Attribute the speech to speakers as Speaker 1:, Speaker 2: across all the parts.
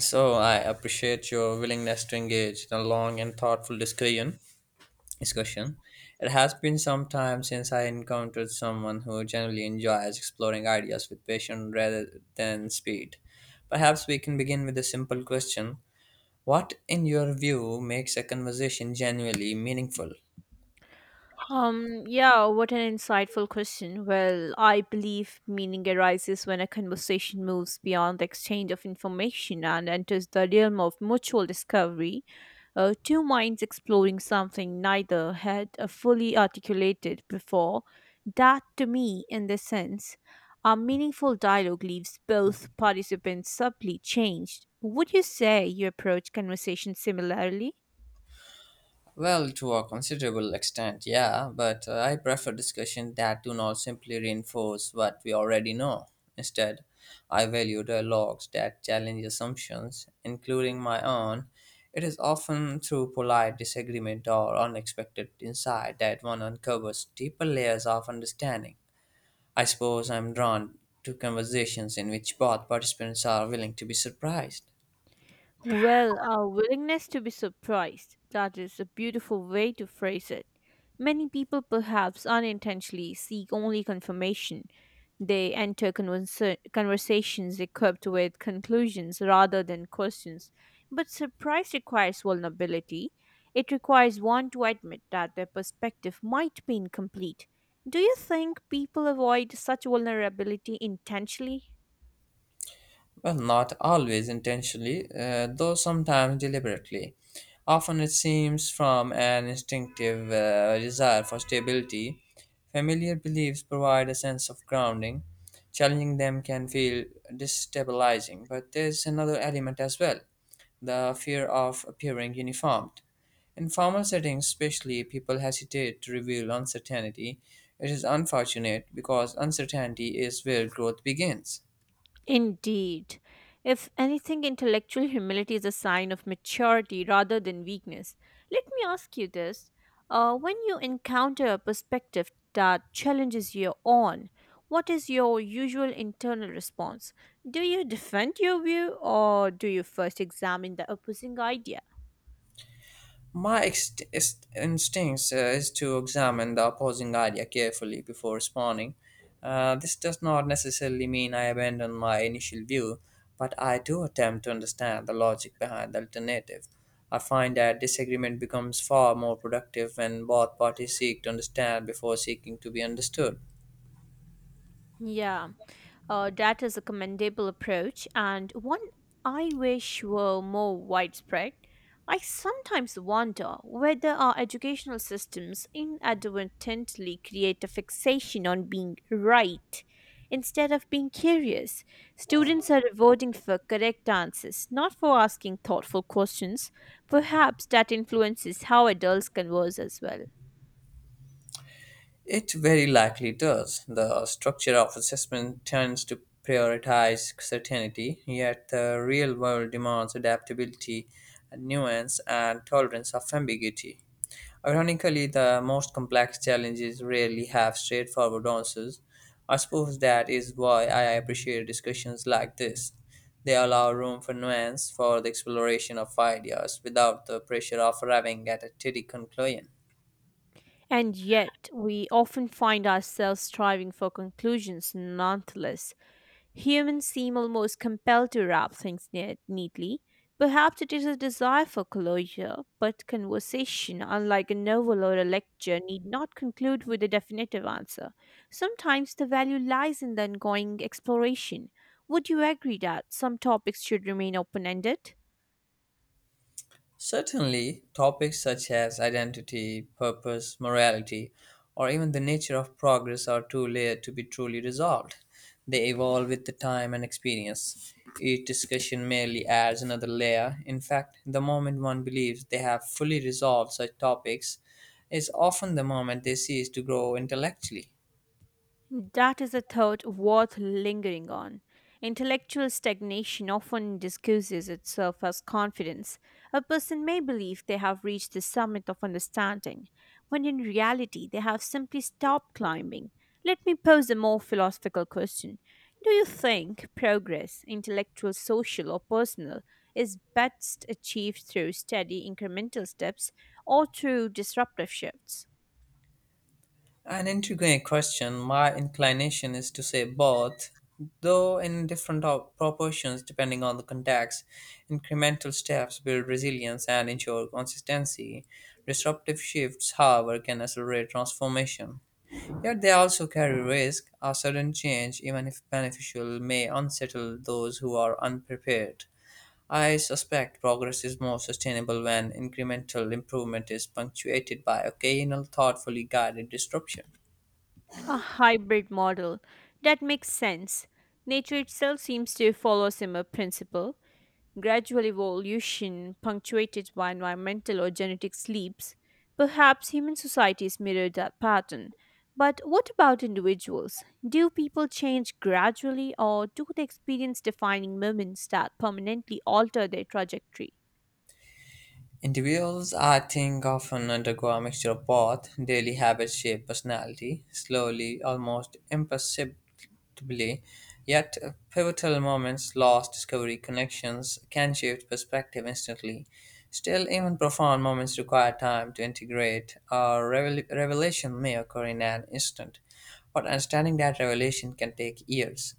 Speaker 1: So I appreciate your willingness to engage in a long and thoughtful discussion. It has been some time since I encountered someone who generally enjoys exploring ideas with passion rather than speed. Perhaps we can begin with a simple question: what, in your view, makes a conversation genuinely meaningful?
Speaker 2: Yeah, what an insightful question. Well, I believe meaning arises when a conversation moves beyond the exchange of information and enters the realm of mutual discovery. Two minds exploring something neither had fully articulated before. That, to me, in this sense, a meaningful dialogue leaves both participants subtly changed. Would you say you approach conversation similarly?
Speaker 1: Well, to a considerable extent, yeah, but I prefer discussions that do not simply reinforce what we already know. Instead, I value dialogues that challenge assumptions, including my own. It is often through polite disagreement or unexpected insight that one uncovers deeper layers of understanding. I suppose I'm drawn to conversations in which both participants are willing to be surprised.
Speaker 2: Well, our willingness to be surprised. That is a beautiful way to phrase it. Many people, perhaps unintentionally, seek only confirmation. They enter conversations equipped with conclusions rather than questions. But surprise requires vulnerability. It requires one to admit that their perspective might be incomplete. Do you think people avoid such vulnerability intentionally?
Speaker 1: Well, not always intentionally, though sometimes deliberately. Often it seems from an instinctive desire for stability. Familiar beliefs provide a sense of grounding. Challenging them can feel destabilizing, but there's another element as well: the fear of appearing uniformed. In formal settings, especially, people hesitate to reveal uncertainty. It is unfortunate because uncertainty is where growth begins.
Speaker 2: Indeed. If anything, intellectual humility is a sign of maturity rather than weakness. Let me ask you this. When you encounter a perspective that challenges your own, what is your usual internal response? Do you defend your view or do you first examine the opposing idea?
Speaker 1: My instinct is to examine the opposing idea carefully before responding. This does not necessarily mean I abandon my initial view, but I do attempt to understand the logic behind the alternative. I find that disagreement becomes far more productive when both parties seek to understand before seeking to be understood.
Speaker 2: Yeah, that is a commendable approach and one I wish were more widespread. I sometimes wonder whether our educational systems inadvertently create a fixation on being right instead of being curious. Students are rewarding for correct answers, not for asking thoughtful questions. Perhaps that influences how adults converse as well.
Speaker 1: It very likely does. The structure of assessment tends to prioritize certainty, yet the real world demands adaptability, nuance, and tolerance of ambiguity. Ironically, the most complex challenges rarely have straightforward answers. I suppose that is why I appreciate discussions like this. They allow room for nuance, for the exploration of ideas without the pressure of arriving at a steady conclusion.
Speaker 2: And yet, we often find ourselves striving for conclusions nonetheless. Humans seem almost compelled to wrap things neatly. Perhaps it is a desire for closure, but conversation, unlike a novel or a lecture, need not conclude with a definitive answer. Sometimes the value lies in the ongoing exploration. Would you agree that some topics should remain open ended?
Speaker 1: Certainly, topics such as identity, purpose, morality, or even the nature of progress are too layered to be truly resolved. They evolve with the time and experience. Each discussion merely adds another layer. In fact, the moment one believes they have fully resolved such topics is often the moment they cease to grow intellectually.
Speaker 2: That is a thought worth lingering on. Intellectual stagnation often disguises itself as confidence. A person may believe they have reached the summit of understanding, when in reality they have simply stopped climbing. Let me pose a more philosophical question. Do you think progress, intellectual, social, or personal, is best achieved through steady incremental steps or through disruptive shifts?
Speaker 1: An intriguing question. My inclination is to say both, though in different proportions depending on the context. Incremental steps build resilience and ensure consistency. Disruptive shifts, however, can accelerate transformation. Yet they also carry risk. A sudden change, even if beneficial, may unsettle those who are unprepared. I suspect progress is more sustainable when incremental improvement is punctuated by occasional, thoughtfully guided disruption.
Speaker 2: A hybrid model. That makes sense. Nature itself seems to follow similar principle. Gradual evolution punctuated by environmental or genetic sleeps, perhaps human societies mirror that pattern. But what about individuals? Do people change gradually, or do they experience defining moments that permanently alter their trajectory?
Speaker 1: Individuals, I think, often undergo a mixture of both. Daily habits shape personality, slowly, almost imperceptibly, yet pivotal moments, loss, discovery, connections, can shift perspective instantly. Still, even profound moments require time to integrate. A revelation may occur in an instant, but understanding that revelation can take years.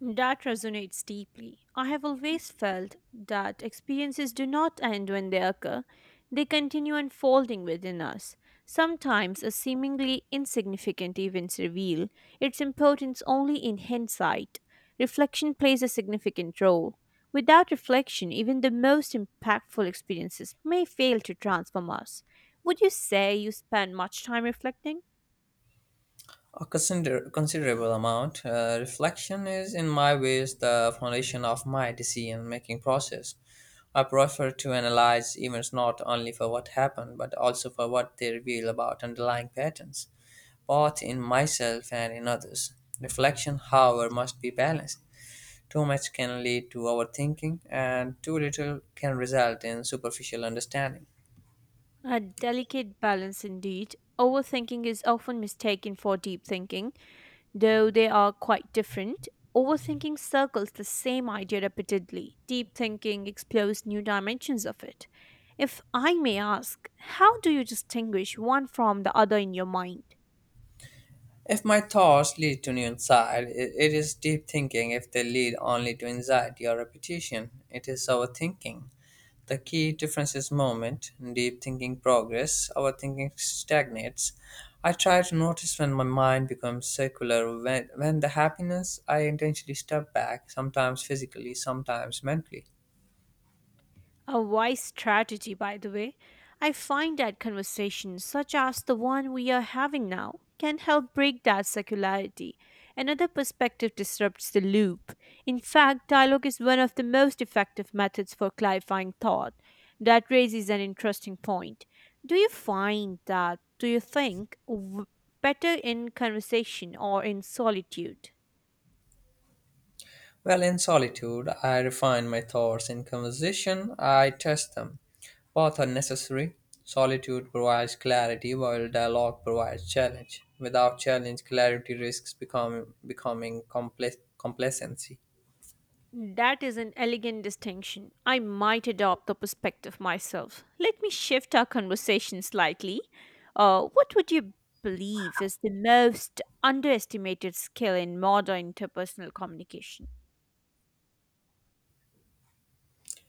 Speaker 2: That resonates deeply. I have always felt that experiences do not end when they occur, they continue unfolding within us. Sometimes a seemingly insignificant event reveal its importance only in hindsight. Reflection plays a significant role. Without reflection, even the most impactful experiences may fail to transform us. Would you say you spend much time reflecting?
Speaker 1: A considerable amount. Reflection is, in my ways, the foundation of my decision making process. I prefer to analyze events not only for what happened, but also for what they reveal about underlying patterns, both in myself and in others. Reflection, however, must be balanced. Too much can lead to overthinking, and too little can result in superficial understanding.
Speaker 2: A delicate balance indeed. Overthinking is often mistaken for deep thinking, though they are quite different. Overthinking circles the same idea repeatedly. Deep thinking explores new dimensions of it. If I may ask, how do you distinguish one from the other in your mind?
Speaker 1: If my thoughts lead to new insight, it is deep thinking. If they lead only to anxiety or repetition, it is overthinking. The key difference is moment. Deep thinking progress, overthinking stagnates. I try to notice when my mind becomes circular, when the happiness, I intentionally step back, sometimes physically, sometimes mentally.
Speaker 2: A wise strategy, by the way. I find that conversations such as the one we are having now can help break that circularity. Another perspective disrupts the loop. In fact, dialogue is one of the most effective methods for clarifying thought. That raises an interesting point. Do you find that, do you think, better in conversation or in solitude?
Speaker 1: Well, in solitude, I refine my thoughts. In conversation, I test them. Both are necessary. Solitude provides clarity, while dialogue provides challenge. Without challenge, clarity risks becoming complacency.
Speaker 2: That is an elegant distinction. I might adopt the perspective myself. Let me shift our conversation slightly. What would you believe is the most underestimated skill in modern interpersonal communication?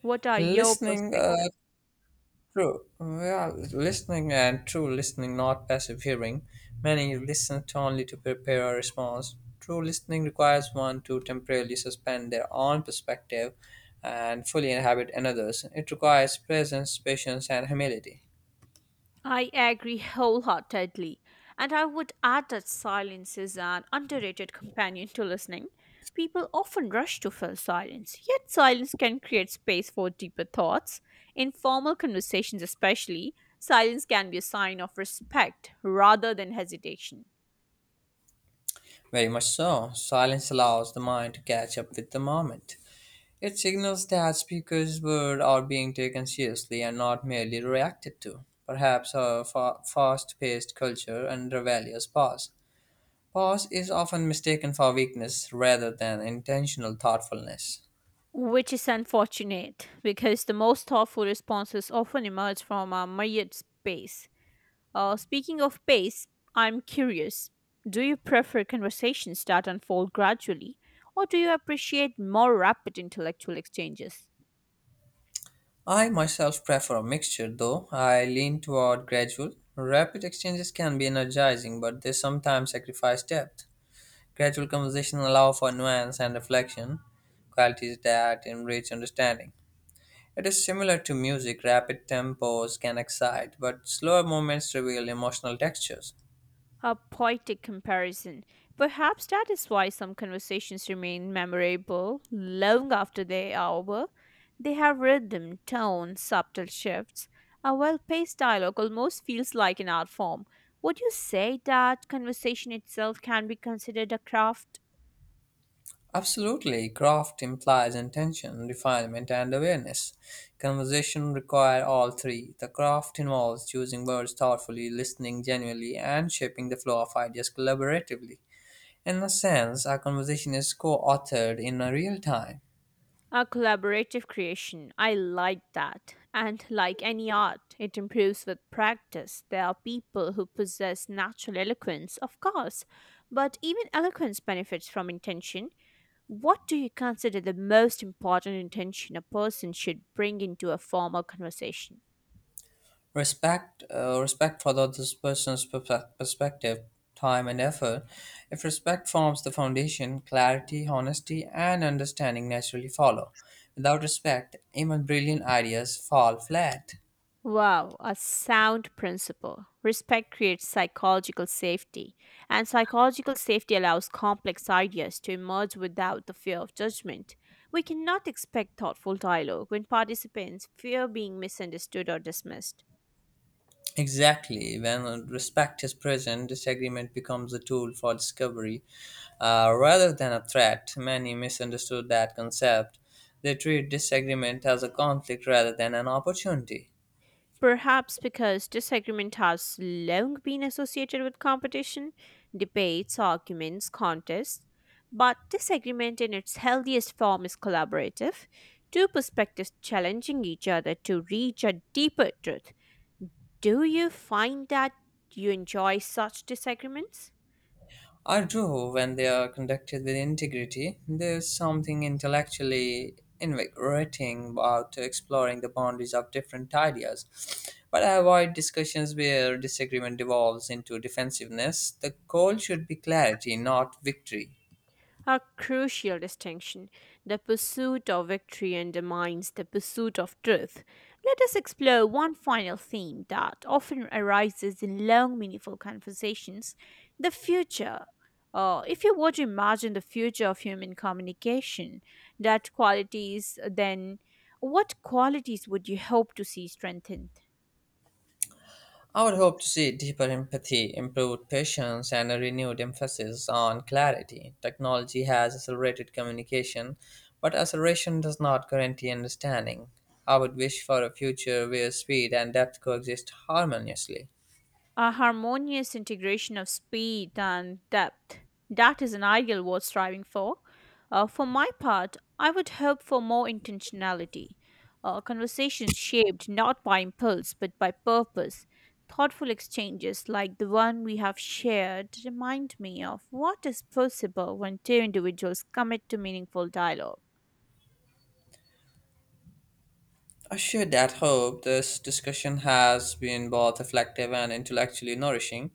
Speaker 2: What are your
Speaker 1: Listening,
Speaker 2: perspectives?
Speaker 1: true. We are listening, and true listening, not passive hearing. Many listen to only to prepare a response. True listening requires one to temporarily suspend their own perspective and fully inhabit another's. It requires presence, patience, and humility.
Speaker 2: I agree wholeheartedly, and I would add that silence is an underrated companion to listening. People often rush to fill silence, yet silence can create space for deeper thoughts. In formal conversations, especially, silence can be a sign of respect rather than hesitation.
Speaker 1: Very much so. Silence allows the mind to catch up with the moment. It signals that speakers' words are being taken seriously and not merely reacted to. Perhaps our fast-paced culture undervalues pause. Pause is often mistaken for weakness rather than intentional thoughtfulness.
Speaker 2: Which is unfortunate because the most thoughtful responses often emerge from a myriad space. Speaking of pace, I'm curious. Do you prefer conversations that unfold gradually, or do you appreciate more rapid intellectual exchanges?
Speaker 1: I myself prefer a mixture, though I lean toward gradual. Rapid exchanges can be energizing, but they sometimes sacrifice depth. Gradual conversation allow for nuance and reflection, qualities that enrich understanding. It is similar to music: rapid tempos can excite, but slower moments reveal emotional textures.
Speaker 2: A poetic comparison. Perhaps that is why some conversations remain memorable long after they are over. They have rhythm, tone, subtle shifts. A well paced dialogue almost feels like an art form. Would you say that conversation itself can be considered a craft?
Speaker 1: Absolutely, craft implies intention, refinement, and awareness. Conversation require all three. The craft involves choosing words thoughtfully, listening genuinely, and shaping the flow of ideas collaboratively. In a sense, our conversation is co-authored in a real time.
Speaker 2: A collaborative creation. I like that. And like any art, it improves with practice. There are people who possess natural eloquence, of course, but even eloquence benefits from intention. What do you consider the most important intention a person should bring into a formal conversation?
Speaker 1: Respect, respect for the other person's perspective, time and effort. If respect forms the foundation, clarity, honesty and understanding naturally follow. Without respect, even brilliant ideas fall flat.
Speaker 2: Wow, a sound principle. Respect creates psychological safety, and psychological safety allows complex ideas to emerge without the fear of judgment. We cannot expect thoughtful dialogue when participants fear being misunderstood or dismissed.
Speaker 1: Exactly, when respect is present disagreement becomes a tool for discovery rather than a threat. Many misunderstood that concept. They treat disagreement as a conflict rather than an opportunity.
Speaker 2: Perhaps because disagreement has long been associated with competition, debates, arguments, contests. But disagreement in its healthiest form is collaborative, two perspectives challenging each other to reach a deeper truth. Do you find that you enjoy such disagreements?
Speaker 1: I do when they are conducted with integrity. There's something intellectually invigorating about exploring the boundaries of different ideas. But I avoid discussions where disagreement devolves into defensiveness. The goal should be clarity, not victory.
Speaker 2: A crucial distinction. The pursuit of victory undermines the pursuit of truth. Let us explore one final theme that often arises in long, meaningful conversations the future. If you were to imagine the future of human communication, that qualities, then what qualities would you hope to see strengthened?
Speaker 1: I would hope to see deeper empathy, improved patience, and a renewed emphasis on clarity. Technology has accelerated communication, but acceleration does not guarantee understanding. I would wish for a future where speed and depth coexist harmoniously.
Speaker 2: A harmonious integration of speed and depth. That is an ideal worth striving for. For my part, I would hope for more intentionality. Conversations shaped not by impulse but by purpose. Thoughtful exchanges like the one we have shared remind me of what is possible when two individuals commit to meaningful dialogue.
Speaker 1: I share that hope. This discussion has been both reflective and intellectually nourishing.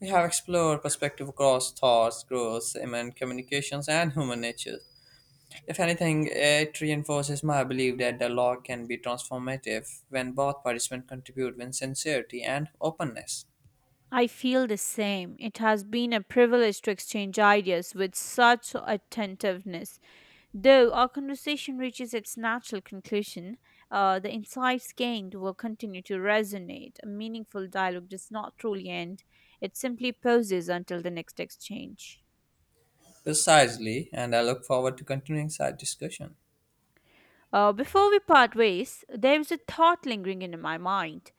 Speaker 1: We have explored perspective across thoughts, growth, and communications, and human nature. If anything, it reinforces my belief that the law can be transformative when both participants contribute with sincerity and openness.
Speaker 2: I feel the same. It has been a privilege to exchange ideas with such attentiveness. Though our conversation reaches its natural conclusion, the insights gained will continue to resonate. A meaningful dialogue does not truly end, it simply pauses until the next exchange.
Speaker 1: Precisely, and I look forward to continuing such discussion.
Speaker 2: Before we part ways, there is a thought lingering in my mind.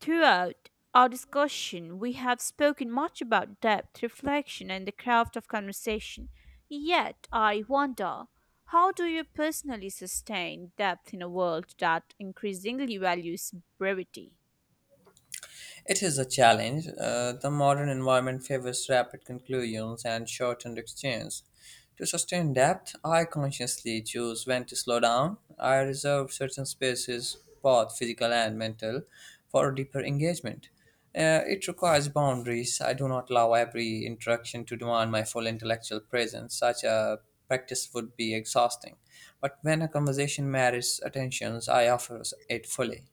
Speaker 2: Throughout our discussion, we have spoken much about depth, reflection, and the craft of conversation. Yet, I wonder how do you personally sustain depth in a world that increasingly values brevity?
Speaker 1: It is a challenge. The modern environment favors rapid conclusions and shortened exchange. To sustain depth, I consciously choose when to slow down. I reserve certain spaces, both physical and mental, for deeper engagement. It requires boundaries. I do not allow every interaction to demand my full intellectual presence. Such a practice would be exhausting. But when a conversation merits attentions, I offer it fully.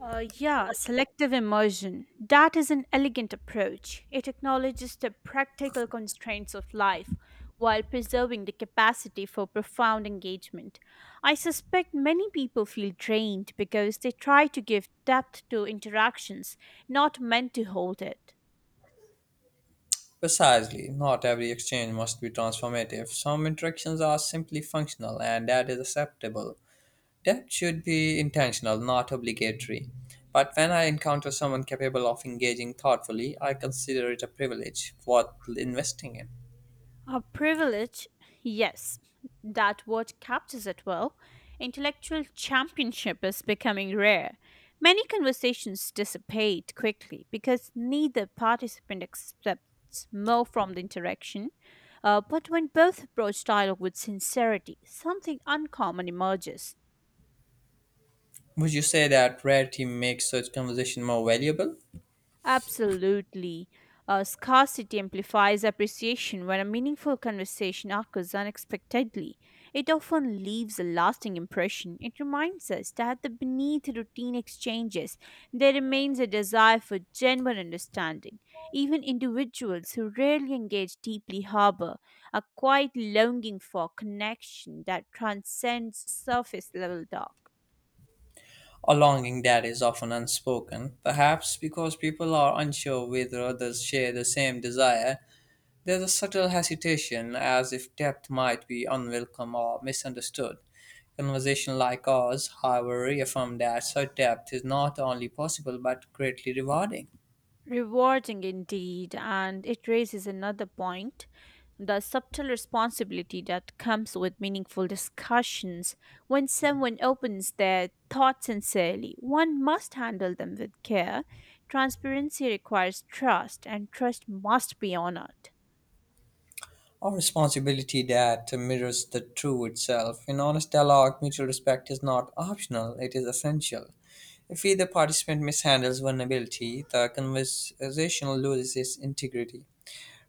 Speaker 2: Yeah, Selective immersion. That is an elegant approach. It acknowledges the practical constraints of life while preserving the capacity for profound engagement. I suspect many people feel drained because they try to give depth to interactions not meant to hold it.
Speaker 1: Precisely, not every exchange must be transformative. Some interactions are simply functional, and that is acceptable. That should be intentional, not obligatory. But when I encounter someone capable of engaging thoughtfully, I consider it a privilege worth investing in.
Speaker 2: A privilege, yes, that word captures it well. Intellectual championship is becoming rare. Many conversations dissipate quickly because neither participant accepts more from the interaction. But when both approach dialogue with sincerity, something uncommon emerges.
Speaker 1: Would you say that rarity makes such conversation more valuable?
Speaker 2: Absolutely. Scarcity amplifies appreciation when a meaningful conversation occurs unexpectedly. It often leaves a lasting impression. It reminds us that the beneath routine exchanges, there remains a desire for genuine understanding. Even individuals who rarely engage deeply harbor a quiet longing for connection that transcends surface level talk.
Speaker 1: A longing that is often unspoken, perhaps because people are unsure whether others share the same desire. There is a subtle hesitation, as if depth might be unwelcome or misunderstood. Conversation like ours, however, reaffirm that such depth is not only possible but greatly rewarding.
Speaker 2: Rewarding indeed, and it raises another point the subtle responsibility that comes with meaningful discussions. When someone opens their thoughts sincerely, one must handle them with care. Transparency requires trust, and trust must be honored.
Speaker 1: Our responsibility that mirrors the true itself. In honest dialogue, mutual respect is not optional, it is essential. If either participant mishandles vulnerability, the conversation loses its integrity.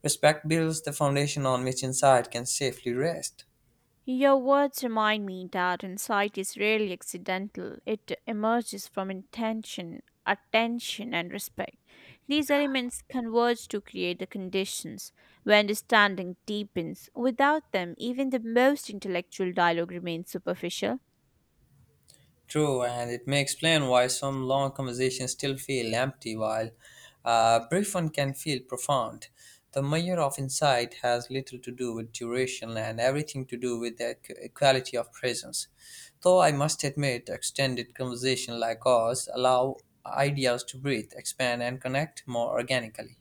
Speaker 1: Respect builds the foundation on which insight can safely rest.
Speaker 2: Your words remind me that insight is rarely accidental. It emerges from intention, attention, and respect. These elements converge to create the conditions where understanding deepens. Without them, even the most intellectual dialogue remains superficial.
Speaker 1: True, and it may explain why some long conversations still feel empty while a brief one can feel profound. The measure of insight has little to do with duration and everything to do with the quality of presence. Though I must admit, extended conversation like ours allow ideas to breathe, expand, and connect more organically.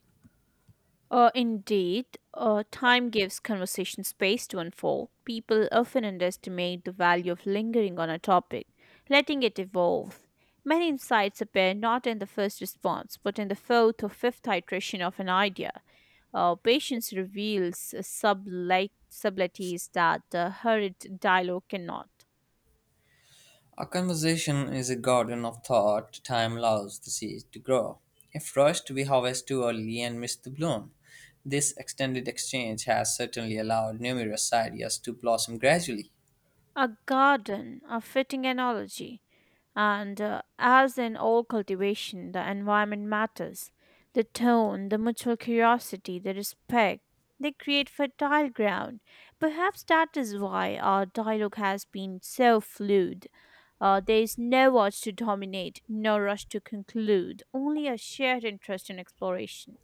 Speaker 2: Indeed, time gives conversation space to unfold. People often underestimate the value of lingering on a topic, letting it evolve. Many insights appear not in the first response, but in the fourth or fifth iteration of an idea. Patience reveals subtleties that hurried dialogue cannot.
Speaker 1: A conversation is a garden of thought. Time allows the seed to grow. If rushed, we harvest too early and miss the bloom. This extended exchange has certainly allowed numerous ideas to blossom gradually.
Speaker 2: A garden, a fitting analogy. And as in all cultivation, the environment matters. The tone, the mutual curiosity, the respect, they create fertile ground. Perhaps that is why our dialogue has been so fluid. There is no urge to dominate, no rush to conclude, only a shared interest in exploration.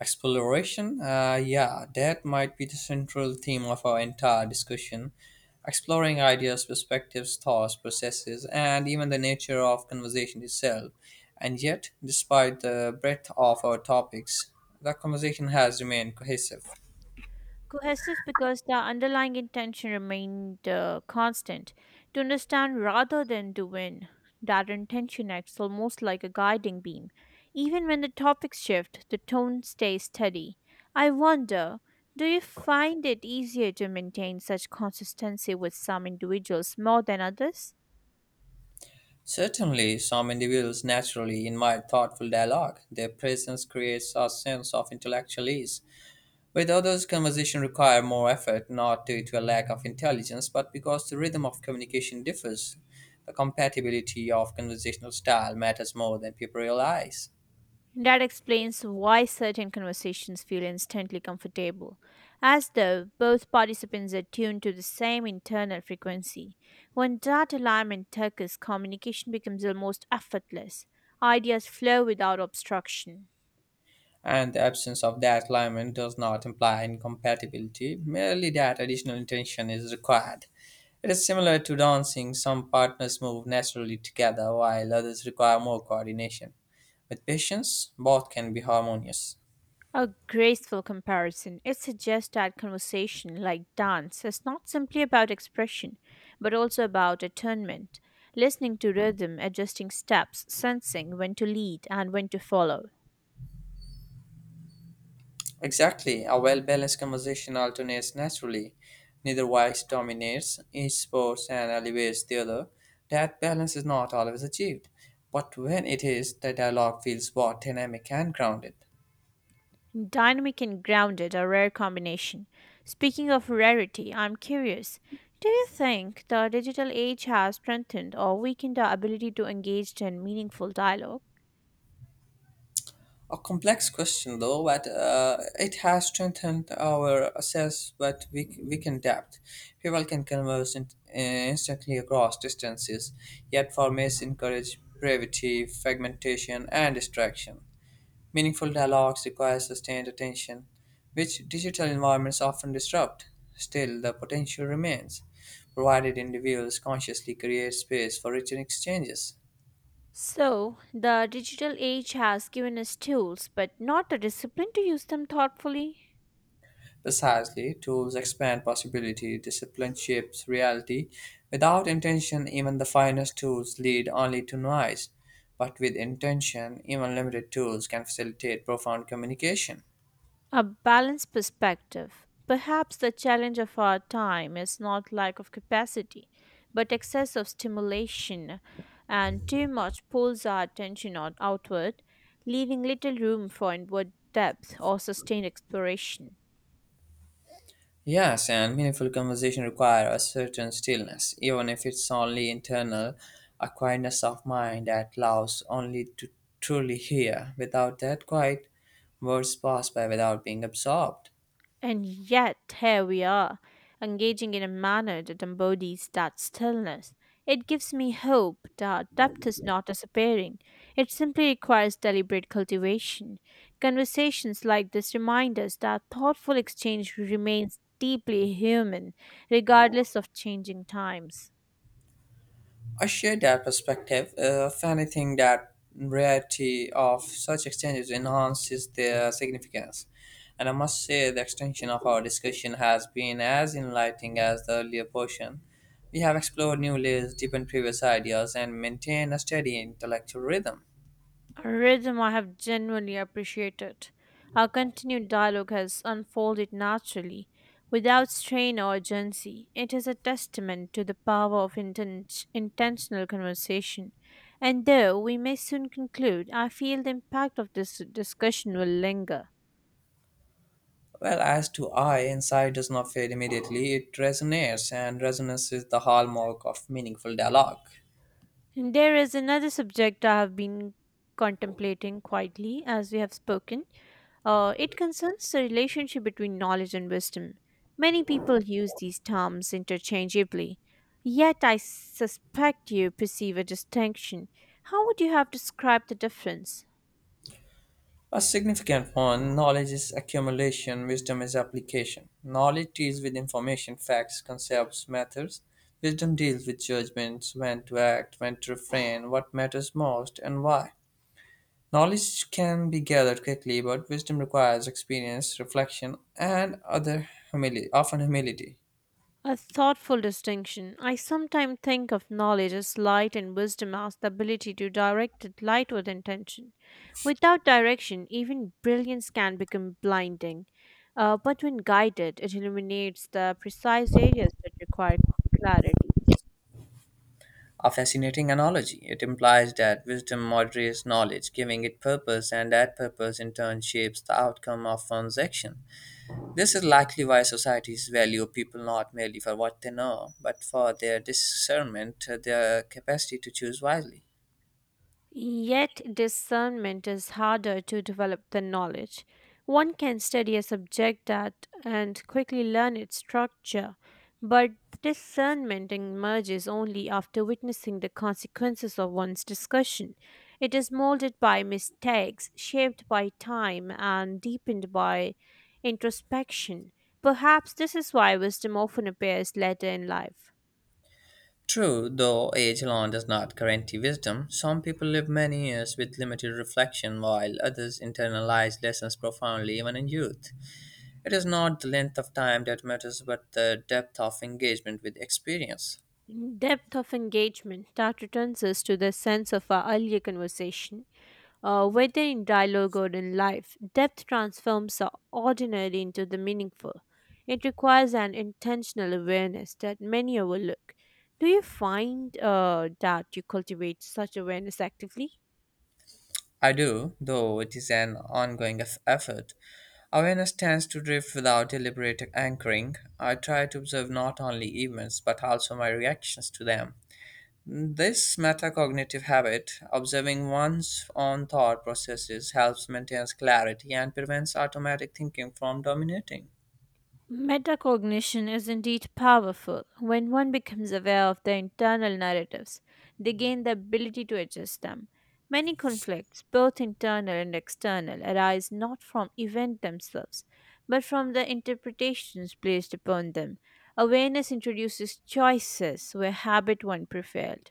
Speaker 1: Exploration? Yeah, that might be the central theme of our entire discussion. Exploring ideas, perspectives, thoughts, processes, and even the nature of conversation itself. And yet, despite the breadth of our topics, the conversation has remained cohesive.
Speaker 2: Cohesive because the underlying intention remained constant to understand rather than to win. That intention acts almost like a guiding beam. Even when the topics shift, the tone stays steady. I wonder, do you find it easier to maintain such consistency with some individuals more than others?
Speaker 1: Certainly, some individuals naturally invite thoughtful dialogue. Their presence creates a sense of intellectual ease. With others, conversation require more effort, not due to a lack of intelligence, but because the rhythm of communication differs. The compatibility of conversational style matters more than people realize.
Speaker 2: That explains why certain conversations feel instantly comfortable, as though both participants are tuned to the same internal frequency. When that alignment occurs, communication becomes almost effortless. Ideas flow without obstruction.
Speaker 1: And the absence of that alignment does not imply incompatibility, merely that additional intention is required. It is similar to dancing: some partners move naturally together while others require more coordination. With patience, both can be harmonious.
Speaker 2: A graceful comparison. It suggests that conversation, like dance, is not simply about expression, but also about attunement, listening to rhythm, adjusting steps, sensing when to lead and when to follow.
Speaker 1: Exactly, a well balanced conversation alternates naturally. Neither voice dominates, each supports and elevates the other. That balance is not always achieved, but when it is, the dialogue feels both dynamic and grounded.
Speaker 2: Dynamic and grounded are rare combination. Speaking of rarity, I'm curious. Do you think the digital age has strengthened or weakened our ability to engage in meaningful dialogue?
Speaker 1: A complex question, though, but it has strengthened our sense that we can adapt. People can converse in, instantly across distances, yet formats encourage brevity, fragmentation, and distraction. Meaningful dialogues require sustained attention, which digital environments often disrupt. Still, the potential remains, provided individuals consciously create space for written exchanges.
Speaker 2: So, the digital age has given us tools, but not the discipline to use them thoughtfully.
Speaker 1: Precisely, tools expand possibility, discipline shapes reality. Without intention, even the finest tools lead only to noise. But with intention, even limited tools can facilitate profound communication.
Speaker 2: A balanced perspective. Perhaps the challenge of our time is not lack of capacity, but excess of stimulation, and too much pulls our attention on outward, leaving little room for inward depth or sustained exploration.
Speaker 1: Yes, and meaningful conversation require a certain stillness, even if it's only internal, a quietness of mind that allows only to truly hear. Without that quiet, words pass by without being absorbed.
Speaker 2: And yet, here we are, engaging in a manner that embodies that stillness. It gives me hope that depth is not disappearing. It simply requires deliberate cultivation. Conversations like this remind us that thoughtful exchange remains deeply human, regardless of changing times.
Speaker 1: I share that perspective. If anything, that rarity of such exchanges enhances their significance. And I must say, the extension of our discussion has been as enlightening as the earlier portion. We have explored new layers, deepened previous ideas, and maintained a steady intellectual rhythm.
Speaker 2: Rhythm, I have genuinely appreciated. Our continued dialogue has unfolded naturally, without strain or urgency. It is a testament to the power of intentional conversation. And though we may soon conclude, I feel the impact of this discussion will linger.
Speaker 1: Well, as to I, insight does not fade immediately, it resonates, and resonance is the hallmark of meaningful dialogue.
Speaker 2: There is another subject I have been contemplating quietly as we have spoken. It concerns the relationship between knowledge and wisdom. Many people use these terms interchangeably, yet I suspect you perceive a distinction. How would you have described the difference?
Speaker 1: A significant one: knowledge is accumulation, wisdom is application. Knowledge deals with information, facts, concepts, methods. Wisdom deals with judgments, when to act, when to refrain, what matters most, and why. Knowledge can be gathered quickly, but wisdom requires experience, reflection, and other humility, often humility.
Speaker 2: A thoughtful distinction. I sometimes think of knowledge as light and wisdom as the ability to direct the light with intention. Without direction, even brilliance can become blinding. But when guided, it illuminates the precise areas that require clarity.
Speaker 1: A fascinating analogy. It implies that wisdom moderates knowledge, giving it purpose, and that purpose in turn shapes the outcome of one's action. This is likely why societies value people not merely for what they know, but for their discernment, their capacity to choose wisely.
Speaker 2: Yet, discernment is harder to develop than knowledge. One can study a subject that and quickly learn its structure, but discernment emerges only after witnessing the consequences of one's discussion. It is molded by mistakes, shaped by time, and deepened by introspection. Perhaps this is why wisdom often appears later in life.
Speaker 1: True, though age alone does not guarantee wisdom, some people live many years with limited reflection while others internalize lessons profoundly even in youth. It is not the length of time that matters but the depth of engagement with experience.
Speaker 2: Depth of engagement that returns us to the sense of our earlier conversation, whether in dialogue or in life. Depth transforms the ordinary into the meaningful. It requires an intentional awareness that many overlook. Do you find that you cultivate such awareness actively?
Speaker 1: I do, though it is an ongoing effort. Awareness tends to drift without deliberate anchoring. I try to observe not only events but also my reactions to them. This metacognitive habit, observing one's own thought processes, helps maintain clarity and prevents automatic thinking from dominating.
Speaker 2: Metacognition is indeed powerful. When one becomes aware of their internal narratives, they gain the ability to adjust them. Many conflicts, both internal and external, arise not from events themselves, but from the interpretations placed upon them. Awareness introduces choices where habit once prevailed.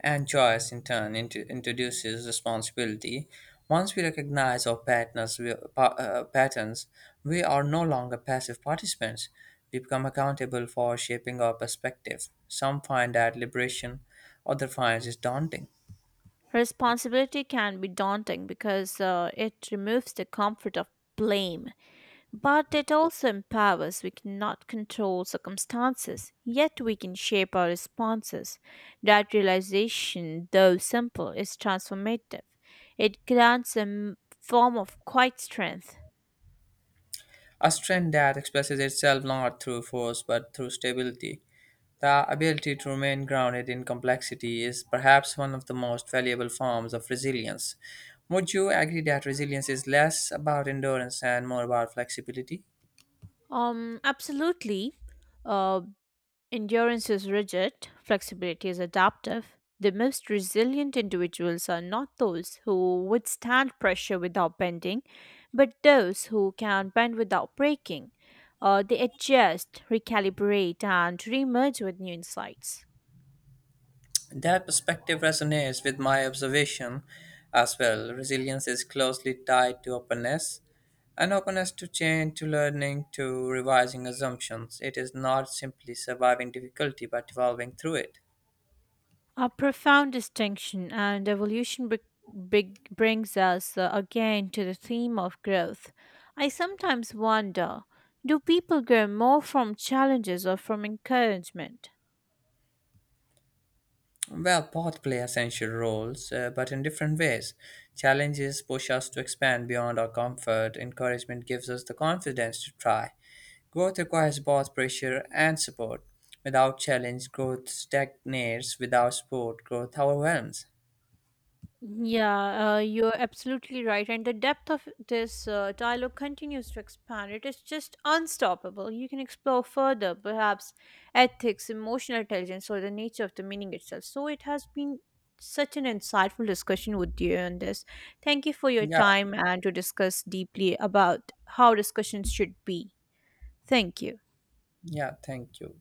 Speaker 1: And choice, in turn, introduces responsibility. Once we recognize our patterns, patterns, we are no longer passive participants. We become accountable for shaping our perspective. Some find that liberation, others find it daunting.
Speaker 2: Responsibility can be daunting because it removes the comfort of blame, but it also empowers. We cannot control circumstances, yet we can shape our responses. That realization, though simple, is transformative. It grants a form of quiet strength.
Speaker 1: A strength that expresses itself not through force but through stability. The ability to remain grounded in complexity is perhaps one of the most valuable forms of resilience. Would you agree that resilience is less about endurance and more about flexibility?
Speaker 2: Absolutely. Uh, Endurance is rigid, flexibility is adaptive. The most resilient individuals are not those who withstand pressure without bending, but those who can bend without breaking. They adjust, recalibrate, and reemerge with new insights.
Speaker 1: That perspective resonates with my observation as well. Resilience is closely tied to openness, an openness to change, to learning, to revising assumptions. It is not simply surviving difficulty but evolving through it.
Speaker 2: A profound distinction and evolution big brings us again to the theme of growth. I sometimes wonder do people grow more from challenges or from encouragement?
Speaker 1: Well, both play essential roles, but in different ways. Challenges push us to expand beyond our comfort, encouragement gives us the confidence to try. Growth requires both pressure and support. Without challenge, growth stagnates. Without support, growth overwhelms.
Speaker 2: Yeah, you're absolutely right. And the depth of this dialogue continues to expand. It is just unstoppable. You can explore further, perhaps ethics, emotional intelligence, or the nature of the meaning itself. So it has been such an insightful discussion with you on this. Thank you for your
Speaker 1: Yeah,
Speaker 2: time and to discuss deeply about how discussions should be. Thank you.
Speaker 1: yeah, thank you.